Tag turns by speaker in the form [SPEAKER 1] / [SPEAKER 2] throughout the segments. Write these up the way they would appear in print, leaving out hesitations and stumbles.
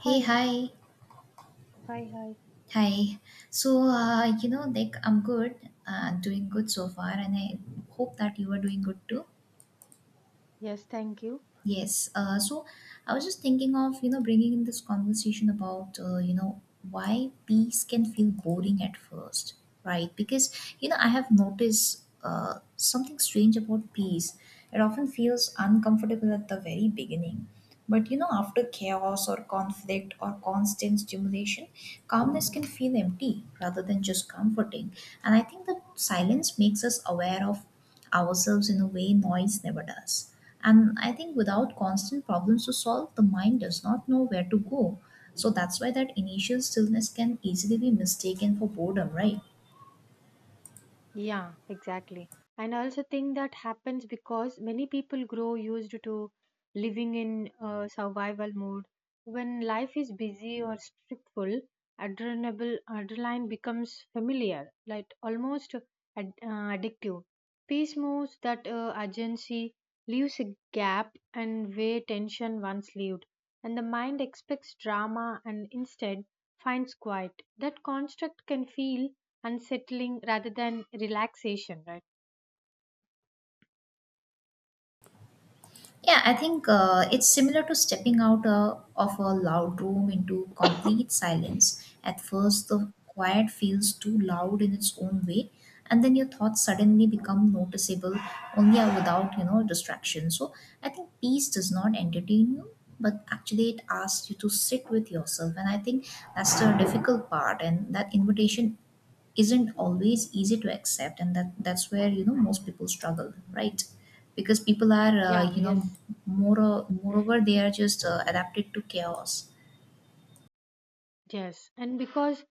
[SPEAKER 1] Hey,
[SPEAKER 2] Hi,
[SPEAKER 1] hi,
[SPEAKER 2] hi, hi.
[SPEAKER 1] hi. So I'm good, doing good so far, and I hope that you are doing good too.
[SPEAKER 2] Yes, thank you.
[SPEAKER 1] Yes. So I was just thinking of, bringing in this conversation about, why peace can feel boring at first, right? Because, I have noticed something strange about peace. It often feels uncomfortable at the very beginning. But, after chaos or conflict or constant stimulation, calmness can feel empty rather than just comforting. And I think that silence makes us aware of ourselves in a way noise never does. And I think without constant problems to solve, the mind does not know where to go. So that's why that initial stillness can easily be mistaken for boredom, right?
[SPEAKER 2] Yeah, exactly. And I also think that happens because many people grow used to living in survival mode. When life is busy or stressful, adrenaline becomes familiar, like almost addictive. Peace moves that urgency, leaves a gap, and where tension once lived. And the mind expects drama and instead finds quiet. That construct can feel unsettling rather than relaxation, right?
[SPEAKER 1] Yeah, I think it's similar to stepping out of a loud room into complete silence. At first, the quiet feels too loud in its own way, and then your thoughts suddenly become noticeable only without distraction. So I think peace does not entertain you, but actually it asks you to sit with yourself, and I think that's the difficult part. And that invitation isn't always easy to accept, and that's where most people struggle, right? Because people are
[SPEAKER 2] Yeah, yes,
[SPEAKER 1] more moreover, they are just adapted to chaos.
[SPEAKER 2] yes. And because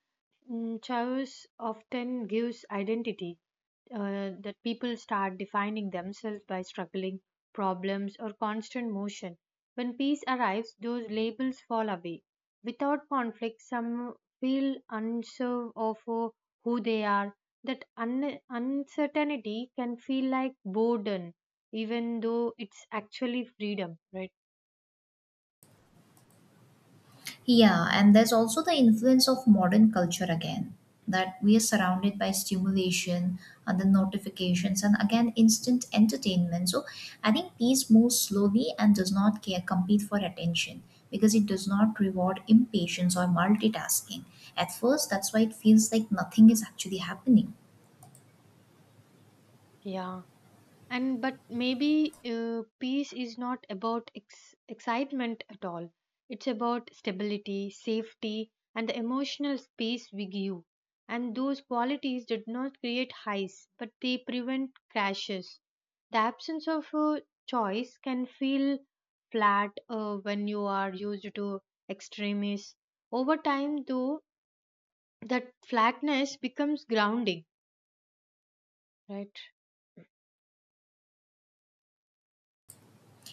[SPEAKER 2] chaos often gives identity, that people start defining themselves by struggling, problems, or constant motion. When peace arrives, those labels fall away. Without conflict, some feel unsure of who they are. That uncertainty can feel like burden, even though it's actually freedom, right?
[SPEAKER 1] Yeah, and there's also the influence of modern culture again, that we are surrounded by stimulation, other notifications, and again, instant entertainment. So I think peace moves slowly and does not care, compete for attention because it does not reward impatience or multitasking. At first, that's why it feels like nothing is actually happening.
[SPEAKER 2] Yeah. And but maybe peace is not about excitement at all, it's about stability, safety, and the emotional space we give, and those qualities did not create highs but they prevent crashes. The absence of a choice can feel flat when you are used to extremes. Over time though, that flatness becomes grounding, right?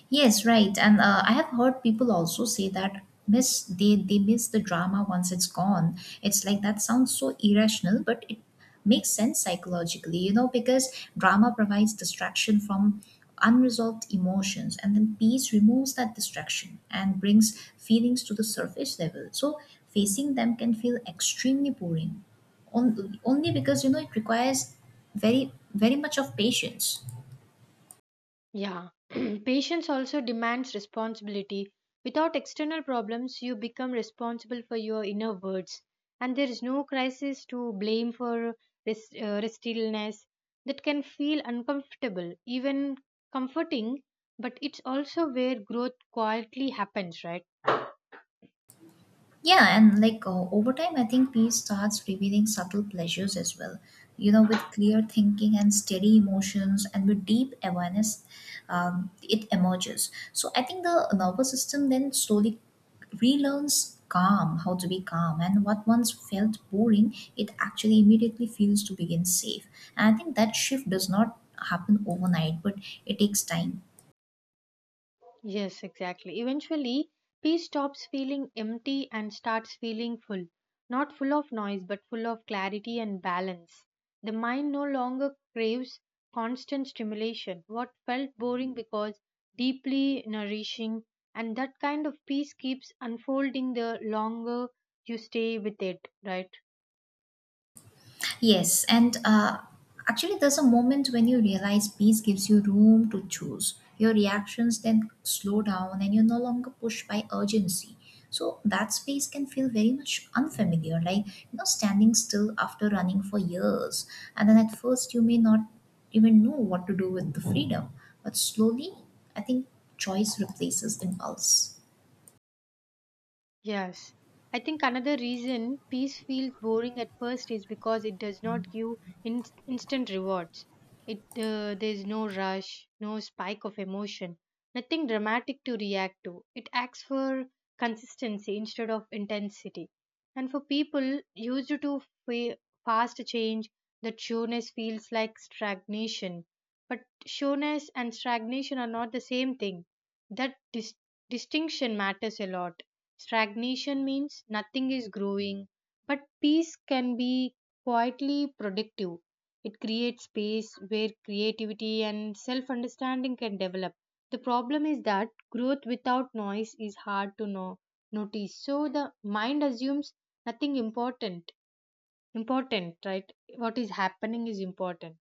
[SPEAKER 1] Yes, right. And I have heard people also say that miss they miss the drama once it's gone. It's like that sounds so irrational, but it makes sense psychologically, you know, because drama provides distraction from unresolved emotions, and then peace removes that distraction and brings feelings to the surface level. So facing them can feel extremely boring. Only because it requires very very much of patience.
[SPEAKER 2] Yeah. Patience also demands responsibility. Without external problems, you become responsible for your inner words, and there is no crisis to blame for restlessness that can feel uncomfortable, even comforting. But it's also where growth quietly happens, right?
[SPEAKER 1] Yeah, and like over time, I think peace starts revealing subtle pleasures as well. You know, with clear thinking and steady emotions and with deep awareness, it emerges. So I think the nervous system then slowly relearns calm, how to be calm, and what once felt boring, it actually immediately feels to begin safe. And I think that shift does not happen overnight, but it takes time.
[SPEAKER 2] Yes, exactly. Eventually, peace stops feeling empty and starts feeling full. Not full of noise, but full of clarity and balance. The mind no longer craves constant stimulation. What felt boring because deeply nourishing, and that kind of peace keeps unfolding the longer you stay with it, right?
[SPEAKER 1] Yes, and actually, there's a moment when you realize peace gives you room to choose. Your reactions then slow down, and you're no longer pushed by urgency. So that space can feel very much unfamiliar, like standing still after running for years. And then at first, you may not even know what to do with the freedom, but slowly, I think choice replaces impulse.
[SPEAKER 2] Yes. I think another reason peace feels boring at first is because it does not give instant rewards. It There's no rush, no spike of emotion, nothing dramatic to react to. It acts for consistency instead of intensity. And for people used to fa- fast change, that sureness feels like stagnation. But sureness and stagnation are not the same thing. That distinction matters a lot. Stagnation means nothing is growing, but peace can be quietly productive. It creates space where creativity and self understanding can develop. The problem is that growth without noise is hard to know, notice. So the mind assumes nothing important, right? What is happening is important.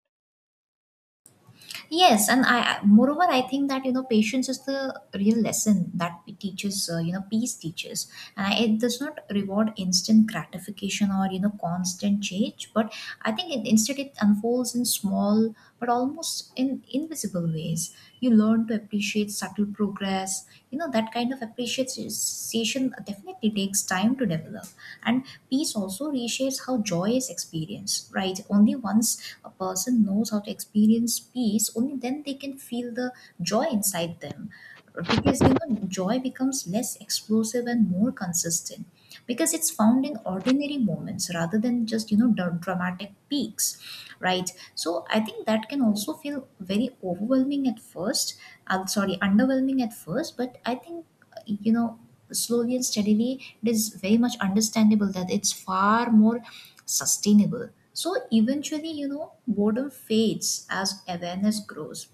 [SPEAKER 1] Yes, and moreover, I think that patience is the real lesson that it teaches, peace teaches, and it does not reward instant gratification or constant change. But I think instead, it unfolds in small but almost in invisible ways. You learn to appreciate subtle progress. You know that kind of appreciation definitely takes time to develop, and peace also reshapes how joy is experienced. Right, only once a person knows how to experience peace, only then they can feel the joy inside them, because joy becomes less explosive and more consistent because it's found in ordinary moments rather than just dramatic peaks, right? So I think that can also feel very overwhelming at first. I'm sorry, underwhelming at first. But I think, you know slowly and steadily, it is very much understandable that it's far more sustainable. So eventually, boredom fades as awareness grows.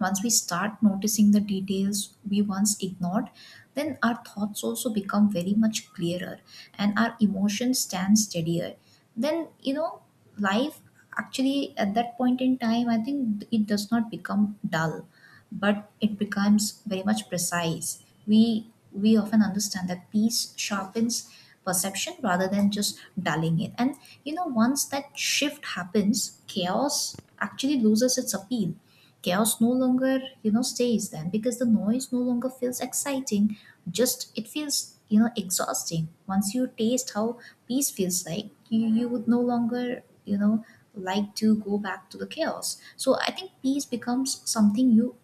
[SPEAKER 1] Once we start noticing the details we once ignored, then our thoughts also become very much clearer and our emotions stand steadier. Then, life, actually, at that point in time, I think it does not become dull, but it becomes very much precise. We often understand that peace sharpens perception rather than just dulling it. And once that shift happens, chaos actually loses its appeal. Chaos no longer, stays then, because the noise no longer feels exciting. Just it feels, exhausting. Once you taste how peace feels like, you would no longer like to go back to the chaos. So I think peace becomes something you,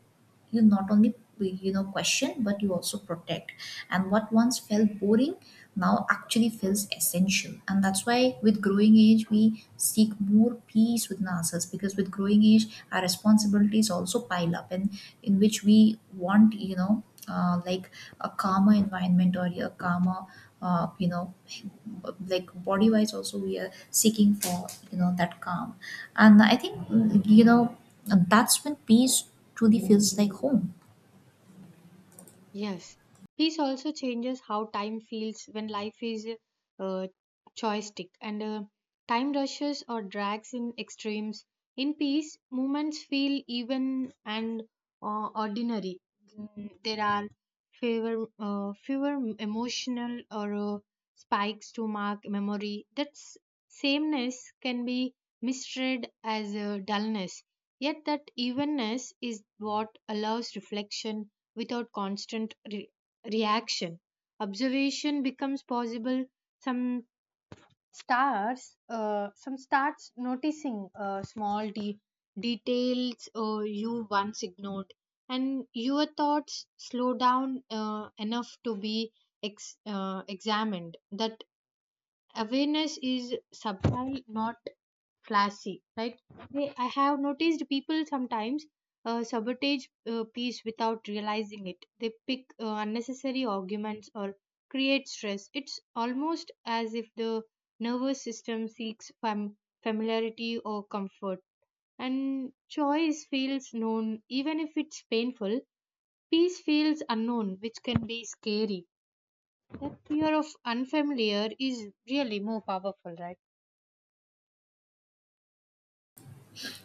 [SPEAKER 1] you not only question, but you also protect. And what once felt boring now actually feels essential. And that's why with growing age, we seek more peace within ourselves, because with growing age, our responsibilities also pile up, and in which we want like a calmer environment or a calmer uh, you know like body wise also. We are seeking for that calm. And I think, you know that's when peace truly feels like home.
[SPEAKER 2] Yes, peace also changes how time feels when life is uh, joystick and time rushes or drags in extremes. In peace, moments feel even and ordinary. There are fewer emotional or spikes to mark memory. That sameness can be misread as dullness. Yet that evenness is what allows reflection without constant reaction. Observation becomes possible. Some some starts noticing small details you once ignored, and your thoughts slow down enough to be examined. That awareness is subtle, not flashy, right? I have noticed people sometimes sabotage peace without realizing it. They pick unnecessary arguments or create stress. It's almost as if the nervous system seeks familiarity or comfort, and choice feels known even if it's painful. Peace feels unknown, which can be scary. That fear of unfamiliar is really more powerful, right?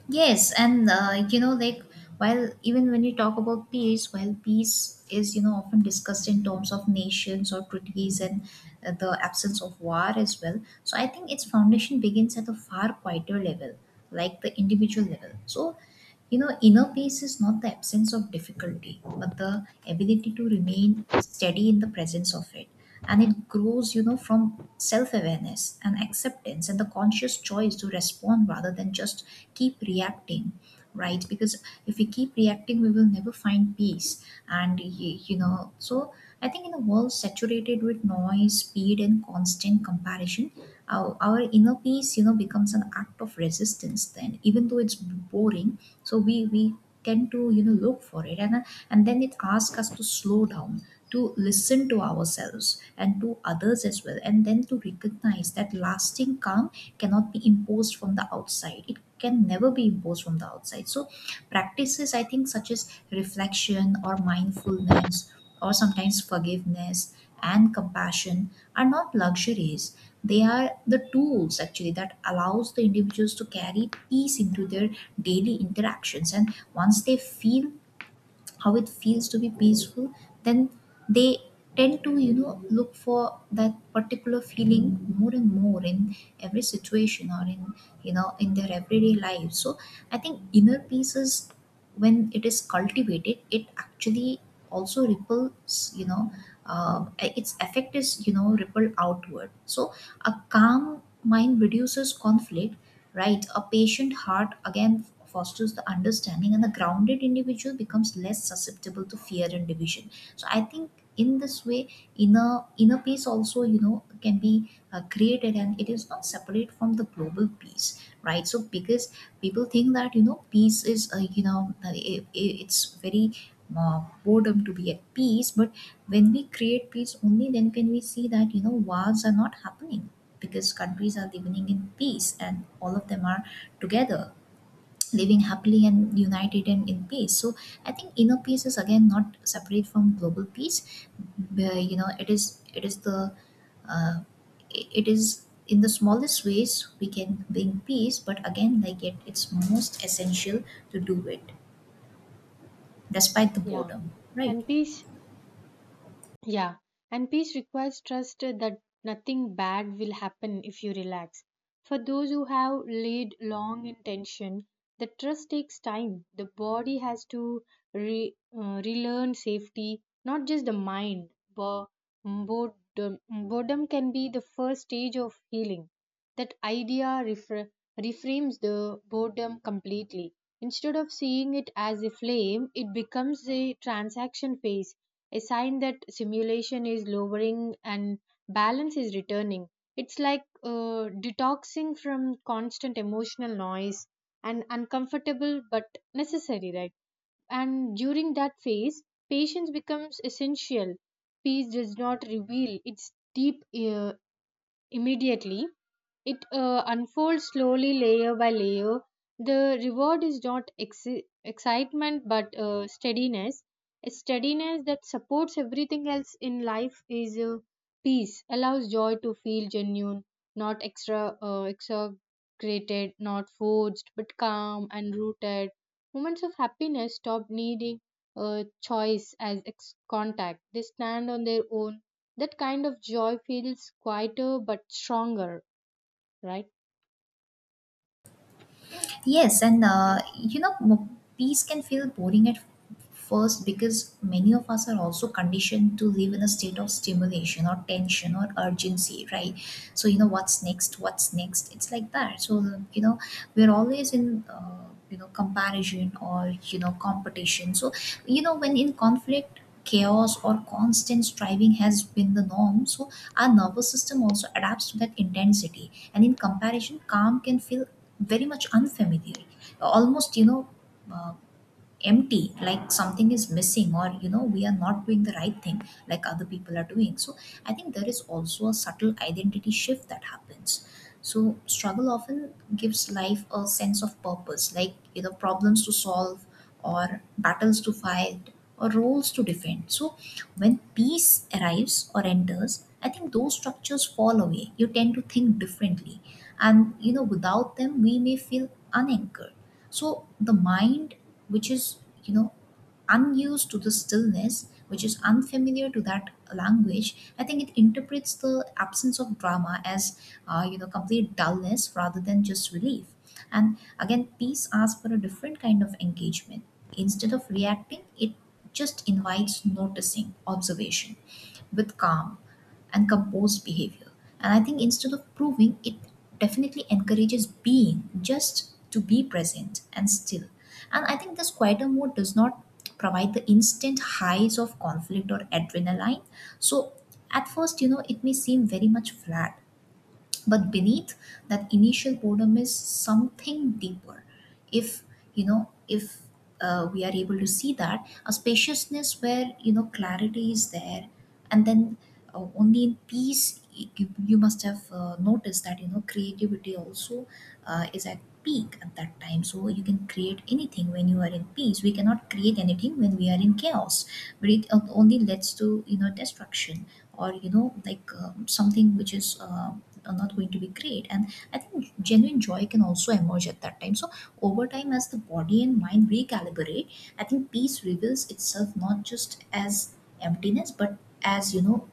[SPEAKER 1] Yes, and like, while even when you talk about peace, while peace is often discussed in terms of nations or treaties and the absence of war as well. So I think its foundation begins at a far quieter level, like the individual level. So you know, inner peace is not the absence of difficulty, but the ability to remain steady in the presence of it. And it grows, you know, from self awareness and acceptance and the conscious choice to respond rather than just keep reacting. Right, because if we keep reacting, we will never find peace. And so I think in a world saturated with noise, speed, and constant comparison, our inner peace, becomes an act of resistance then, even though it's boring. So we tend to look for it. And then it asks us to slow down, to listen to ourselves and to others as well, and then to recognize that lasting calm cannot be imposed from the outside. It can never be imposed from the outside. So practices, I think, such as reflection or mindfulness or sometimes forgiveness and compassion, are not luxuries. They are the tools, actually, that allows the individuals to carry peace into their daily interactions. And once they feel how it feels to be peaceful, then they tend to look for that particular feeling more and more in every situation or in in their everyday life. So I think inner peace is, when it is cultivated, it actually also ripples, its effect is rippled outward. So a calm mind reduces conflict, right? A patient heart again fosters the understanding, and the grounded individual becomes less susceptible to fear and division. So I think in this way, inner peace also can be created, and it is not separate from the global peace, right? So because people think that peace is it's very boredom to be at peace, but when we create peace, only then can we see that wars are not happening because countries are living in peace and all of them are together living happily and united and in peace. So I think inner peace is again not separate from global peace. You know, it is the uh, it is in the smallest ways we can bring peace. But again, like it's most essential to do it despite the
[SPEAKER 2] Yeah.
[SPEAKER 1] boredom, right?
[SPEAKER 2] And peace yeah, and peace requires trust that nothing bad will happen if you relax. For those who have laid long in tension, the trust takes time. The body has to relearn safety, not just the mind. Boredom can be the first stage of healing. That idea reframes the boredom completely. Instead of seeing it as a flame, it becomes a transaction phase, a sign that simulation is lowering and balance is returning. It's like detoxing from constant emotional noise and uncomfortable but necessary, right? And during that phase, patience becomes essential. Peace does not reveal its deep immediately. It unfolds slowly, layer by layer. The reward is not excitement but steadiness. A steadiness that supports everything else in life is peace, allows joy to feel genuine, not extra exaggerated, not forced, but calm and rooted. Moments of happiness stop needing choice as contact. They stand on their own. That kind of joy feels quieter but stronger, right?
[SPEAKER 1] Yes, and
[SPEAKER 2] Yes.
[SPEAKER 1] peace can feel boring at first because many of us are also conditioned to live in a state of stimulation or tension or urgency, right? So, you know, what's next? What's next? It's like that. So, you know, we're always in. You know, comparison or competition. So when in conflict, chaos or constant striving has been the norm. So our nervous system also adapts to that intensity, and in comparison, calm can feel very much unfamiliar, almost uh, empty, like something is missing, or we are not doing the right thing like other people are doing. So I think there is also a subtle identity shift that happens. So struggle often gives life a sense of purpose, like problems to solve or battles to fight or roles to defend. So when peace arrives or enters, I think those structures fall away. You tend to think differently. And without them, we may feel unanchored. So the mind, which is, you know, unused to the stillness, which is unfamiliar to that language, I think it interprets the absence of drama as, complete dullness rather than just relief. And again, peace asks for a different kind of engagement. Instead of reacting, it just invites noticing, observation with calm and composed behavior. And I think instead of proving, it definitely encourages being just to be present and still. And I think this quieter mode does not provide the instant highs of conflict or adrenaline. So at first, you know, it may seem very much flat but beneath that initial boredom is something deeper if if we are able to see that a spaciousness where you know clarity is there and then only in peace you must have noticed that you know creativity also is at peak at that time. So you can create anything when you are in peace. We cannot create anything when we are in chaos, but it only leads to you know destruction or you know like something which is not going to be great. And I think genuine joy can also emerge at that time. So over time, as the body and mind recalibrate, I think peace reveals itself not just as emptiness but as you know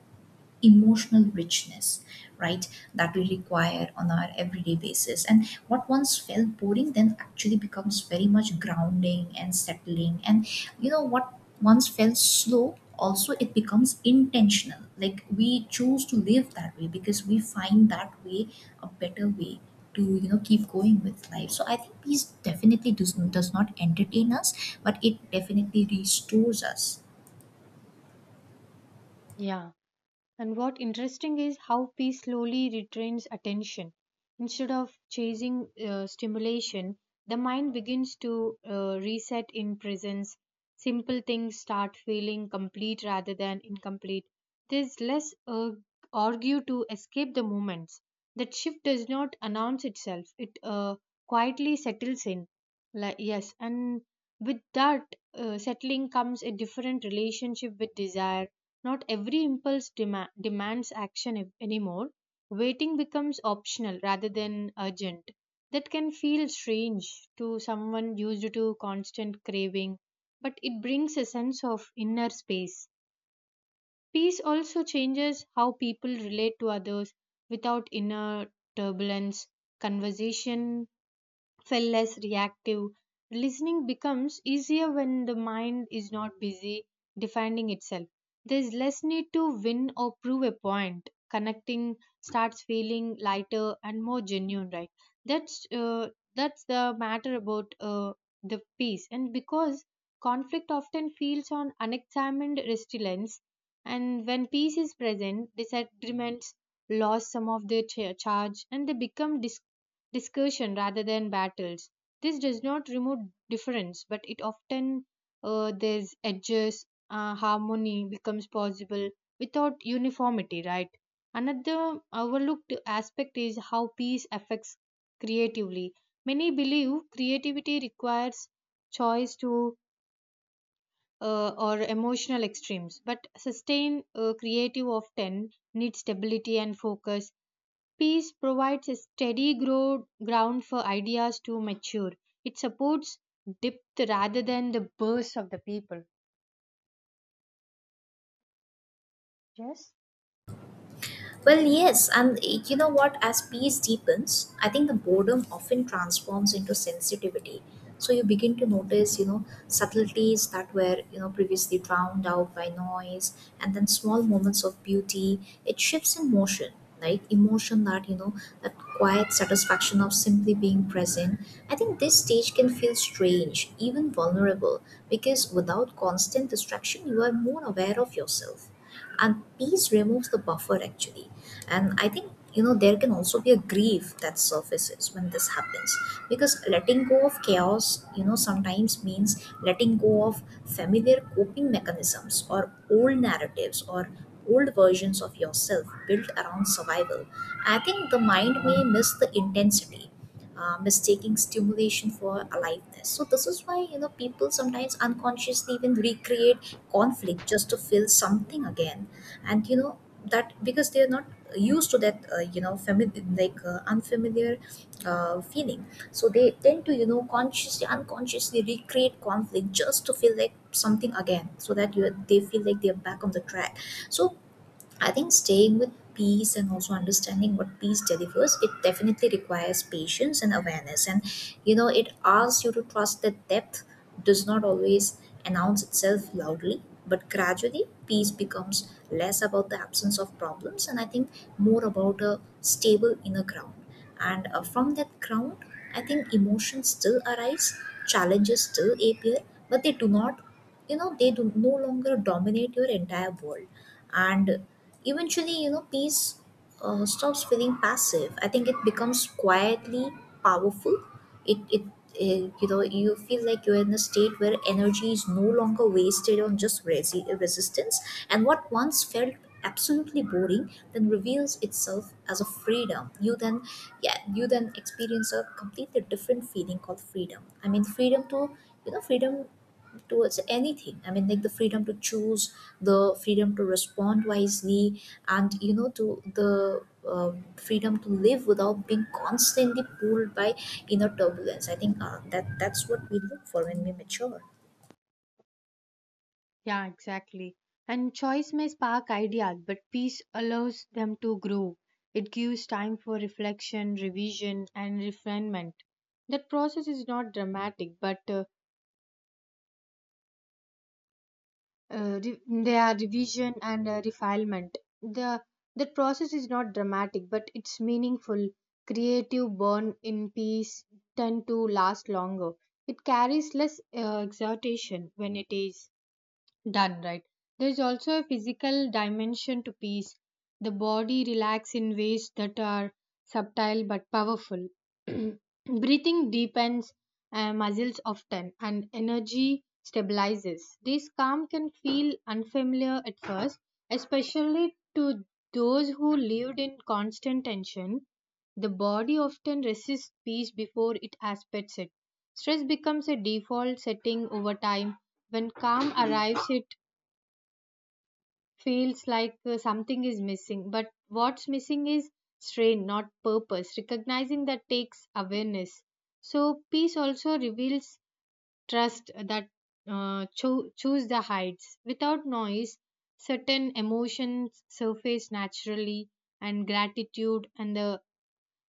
[SPEAKER 1] emotional richness, right, that we require on our everyday basis. And what once felt boring then actually becomes very much grounding and settling. And you know what once felt slow also, it becomes intentional, like we choose to live that way because we find that way a better way to you know keep going with life. So I think peace definitely does not entertain us, but it definitely restores us.
[SPEAKER 2] Yeah. And what interesting is how peace slowly retrains attention. Instead of chasing stimulation, the mind begins to reset in presence. Simple things start feeling complete rather than incomplete. There's less argue to escape the moments. That shift does not announce itself. It quietly settles in. Like, yes, and with that settling comes a different relationship with desire. Not every impulse demands action anymore. Waiting becomes optional rather than urgent. That can feel strange to someone used to constant craving, but it brings a sense of inner space. Peace also changes how people relate to others without inner turbulence. Conversation feel less reactive. Listening becomes easier when the mind is not busy defending itself. There is less need to win or prove a point. Connecting starts feeling lighter and more genuine, right? That's uh, that's the matter about the peace, and because conflict often feels on unexamined resilience, and when peace is present, disagreements lose some of their charge and they become discussion rather than battles. This does not remove difference, but it often there's edges, harmony becomes possible without uniformity, right? Another overlooked aspect is how peace affects creatively. Many believe creativity requires choice to or emotional extremes, but sustained creative often needs stability and focus. Peace provides a ground for ideas to mature. It supports depth rather than the bursts of the people. Yes?
[SPEAKER 1] Well, yes, and you know what? As peace deepens, I think the boredom often transforms into sensitivity. So you begin to notice, you know, subtleties that were, you know, previously drowned out by noise, and then small moments of beauty. It shifts in motion, right? Emotion that, you know, that quiet satisfaction of simply being present. I think this stage can feel strange, even vulnerable, because without constant distraction, you are more aware of yourself, and peace removes the buffer actually. And I think you know there can also be a grief that surfaces when this happens, because letting go of chaos, you know, sometimes means letting go of familiar coping mechanisms or old narratives or old versions of yourself built around survival. I think the mind may miss the intensity, mistaking stimulation for aliveness. So this is why you know people sometimes unconsciously even recreate conflict just to feel something again, and you know that, because they are not used to that you know familiar like unfamiliar feeling. So they tend to, you know, consciously, unconsciously recreate conflict just to feel like something again, so that you, they feel like they're back on the track. So I think staying with peace and also understanding what peace delivers, it definitely requires patience and awareness. And you know, it asks you to trust that depth does not always announce itself loudly, but gradually peace becomes less about the absence of problems and I think more about a stable inner ground. And from that ground, I think emotions still arise, challenges still appear, but they do not, you know, they do no longer dominate your entire world. And eventually you know peace stops feeling passive. I think it becomes quietly powerful. It, it it you know, you feel like you're in a state where energy is no longer wasted on just resistance. And what once felt absolutely boring then reveals itself as a freedom. You then, yeah, you then experience a completely different feeling called freedom. I mean freedom to, you know, freedom towards anything. I mean like the freedom to choose, the freedom to respond wisely, and you know to the freedom to live without being constantly pulled by inner turbulence. I think that's what we look for when we mature.
[SPEAKER 2] Yeah, exactly. And choice may spark ideas, but peace allows them to grow. It gives time for reflection, revision, and refinement. That process is not dramatic, but re- their revision and refinement. The process is not dramatic, but it's meaningful. Creative born in peace tend to last longer. It carries less exhortation when it is done right. There's also a physical dimension to peace. The body relaxes in ways that are subtle but powerful. Breathing deepens, muscles often, and energy stabilizes. This calm can feel unfamiliar at first, especially to those who lived in constant tension. The body often resists peace before it aspects it. Stress becomes a default setting over time. When calm arrives, it feels like something is missing. But what's missing is strain, not purpose. Recognizing that takes awareness. So, peace also reveals trust that choose the heights. Without noise, certain emotions surface naturally, and gratitude and the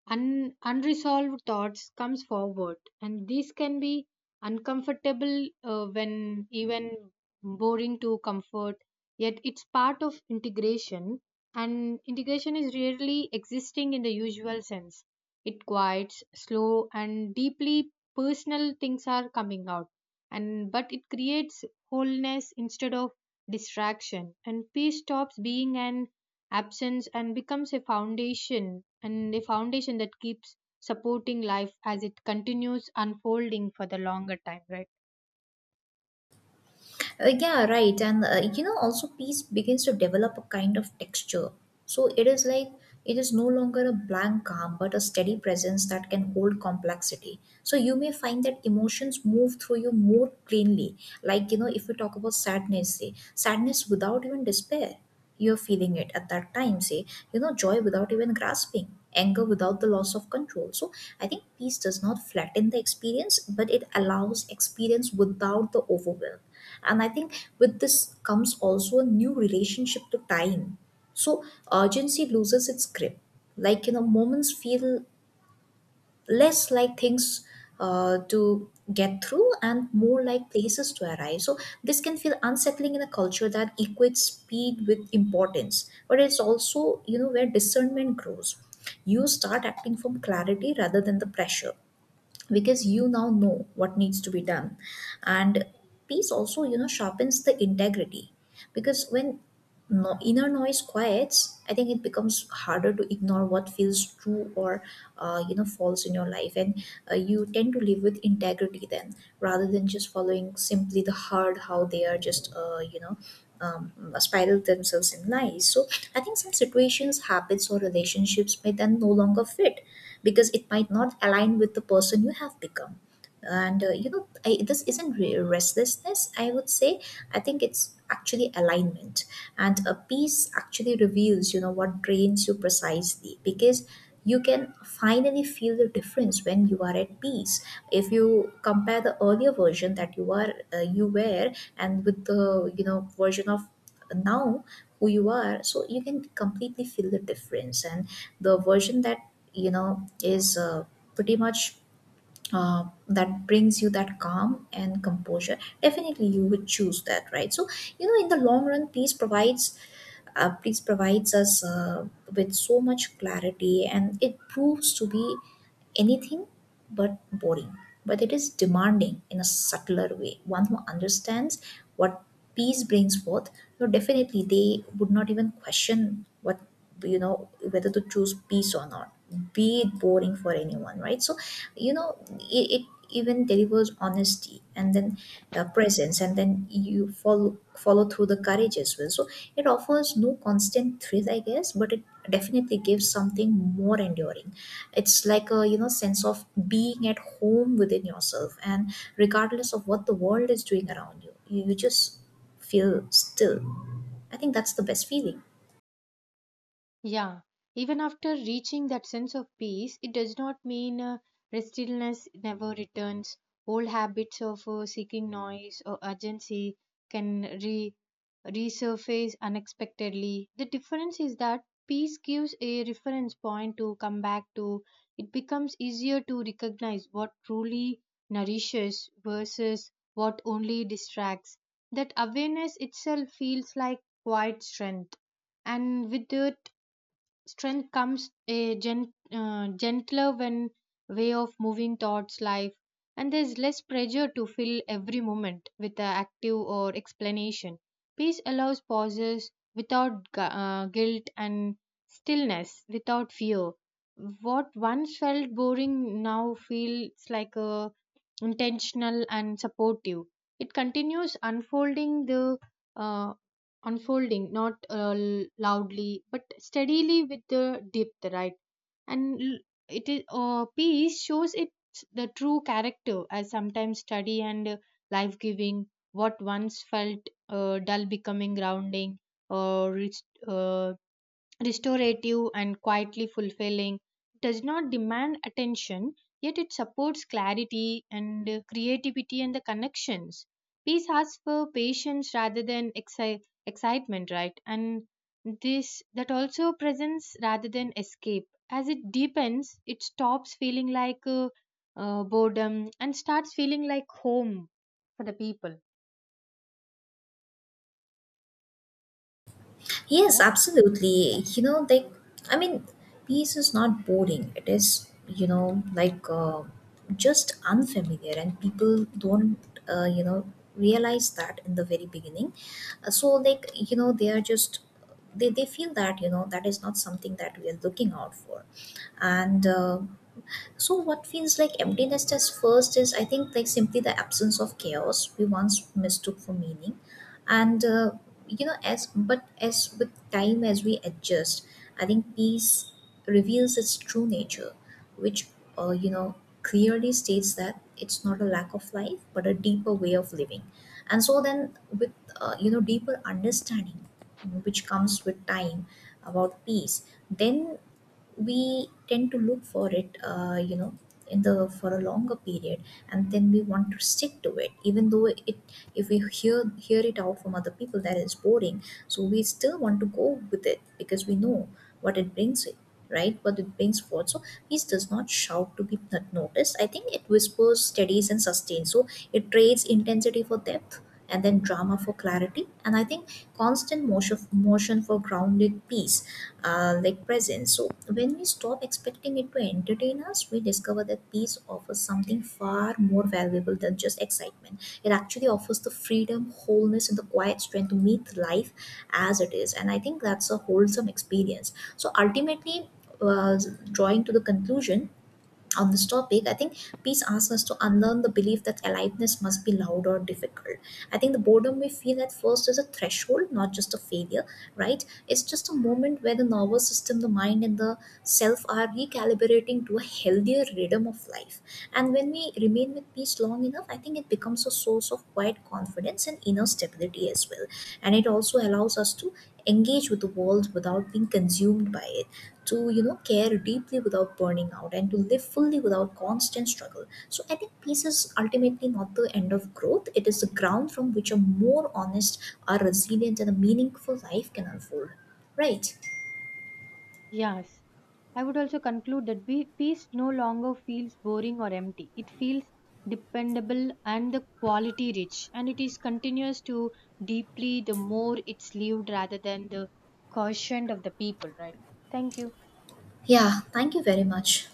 [SPEAKER 2] unresolved thoughts comes forward, and these can be uncomfortable, when even boring to comfort. Yet it's part of integration, and integration is rarely existing in the usual sense. It quiets slow and deeply, personal things are coming out, and but it creates wholeness instead of distraction, and peace stops being an absence and becomes a foundation, and a foundation that keeps supporting life as it continues unfolding for the longer time, right?
[SPEAKER 1] Yeah, right. And you know, also peace begins to develop a kind of texture. So it is like it is no longer a blank calm, but a steady presence that can hold complexity. So you may find that emotions move through you more plainly. Like, you know, if we talk about sadness, say, sadness without even despair, you're feeling it at that time, say, you know, joy without even grasping. Anger without the loss of control. So, I think peace does not flatten the experience, but it allows experience without the overwhelm. And I think with this comes also a new relationship to time. So urgency loses its grip. Like, you know, moments feel less like things to get through and more like places to arrive. So this can feel unsettling in a culture that equates speed with importance, but it's also you know where discernment grows. You start acting from clarity rather than the pressure, because you now know what needs to be done. And peace also you know sharpens the integrity, because when no, inner noise quiets, I think it becomes harder to ignore what feels true or you know false in your life. And you tend to live with integrity then rather than just following simply the hard how they are just you know spiral themselves in lies. So I think some situations, habits, or relationships may then no longer fit, because it might not align with the person you have become. And you know I, this isn't restlessness, I would say. I think it's actually alignment. And a peace actually reveals you know what drains you, precisely because you can finally feel the difference when you are at peace. If you compare the earlier version that you are, you were, and with the you know version of now who you are, so you can completely feel the difference. And the version that you know is pretty much that brings you that calm and composure, definitely you would choose that, right? So you know in the long run peace provides, peace provides us with so much clarity, and it proves to be anything but boring, but it is demanding in a subtler way. One who understands what peace brings forth, no, definitely they would not even question what you know whether to choose peace or not. Be it boring for anyone, right? So, you know, it even delivers honesty and then presence, and then you follow through the courage as well. So it offers no constant thrill, I guess, but it definitely gives something more enduring. It's like a you know sense of being at home within yourself, and regardless of what the world is doing around you, you just feel still. I think that's the best feeling.
[SPEAKER 2] Yeah, even after reaching that sense of peace, it does not mean restlessness never returns. Old habits of seeking noise or urgency can resurface unexpectedly. The difference is that peace gives a reference point to come back to. It becomes easier to recognize what truly nourishes versus what only distracts. That awareness itself feels like quiet strength, and with it strength comes a gentler when way of moving thoughts life, and there's less pressure to fill every moment with an active or explanation. Peace allows pauses without guilt and stillness without fear. What once felt boring now feels like a intentional and supportive. It continues uh, unfolding not loudly but steadily with the depth, right? And l- it is peace shows its the true character as sometimes study and life giving. What once felt dull becoming grounding or restorative and quietly fulfilling. It does not demand attention, yet it supports clarity and creativity and the connections. Peace asks for patience rather than excitement, right? And this that also presence rather than escape. As it deepens, it stops feeling like boredom and starts feeling like home for the people.
[SPEAKER 1] Yes,
[SPEAKER 2] Yeah.
[SPEAKER 1] absolutely. You know, like, I mean, peace is not boring. It is, you know, like just unfamiliar, and people don't, you know, realize that in the very beginning. So, like, you know, they are just, they feel that, you know, that is not something that we are looking out for. And, so what feels like emptiness as first is I think like simply the absence of chaos we once mistook for meaning, and you know as but as with time as we adjust, I think peace reveals its true nature, which you know clearly states that it's not a lack of life but a deeper way of living. And so then with you know deeper understanding, which comes with time about peace, then we tend to look for it, you know, in the for a longer period, and then we want to stick to it even though it, if we hear it out from other people that is boring. So we still want to go with it because we know what it brings it, right, what it brings forth. So peace does not shout to be not noticed. I think it whispers, steadies, and sustains. So it trades intensity for depth and then drama for clarity, and I think constant motion for grounded peace, like presence. So when we stop expecting it to entertain us, we discover that peace offers something far more valuable than just excitement. It actually offers the freedom, wholeness, and the quiet strength to meet life as it is. And I think that's a wholesome experience. So ultimately, uh, drawing to the conclusion on this topic, I think peace asks us to unlearn the belief that aliveness must be loud or difficult. I think the boredom we feel at first is a threshold, not just a failure, right? It's just a moment where the nervous system, the mind, and the self are recalibrating to a healthier rhythm of life. And when we remain with peace long enough, I think it becomes a source of quiet confidence and inner stability as well. And it also allows us to engage with the world without being consumed by it, to, you know, care deeply without burning out, and to live fully without constant struggle. So I think peace is ultimately not the end of growth, it is the ground from which a more honest, a resilient, and a meaningful life can unfold. Right.
[SPEAKER 2] Yes, I would also conclude that peace no longer feels boring or empty. It feels dependable and the quality rich, and it is continuous to deeply the more it's lived rather than the quotient of the people, right? Thank you.
[SPEAKER 1] Yeah, thank you very much.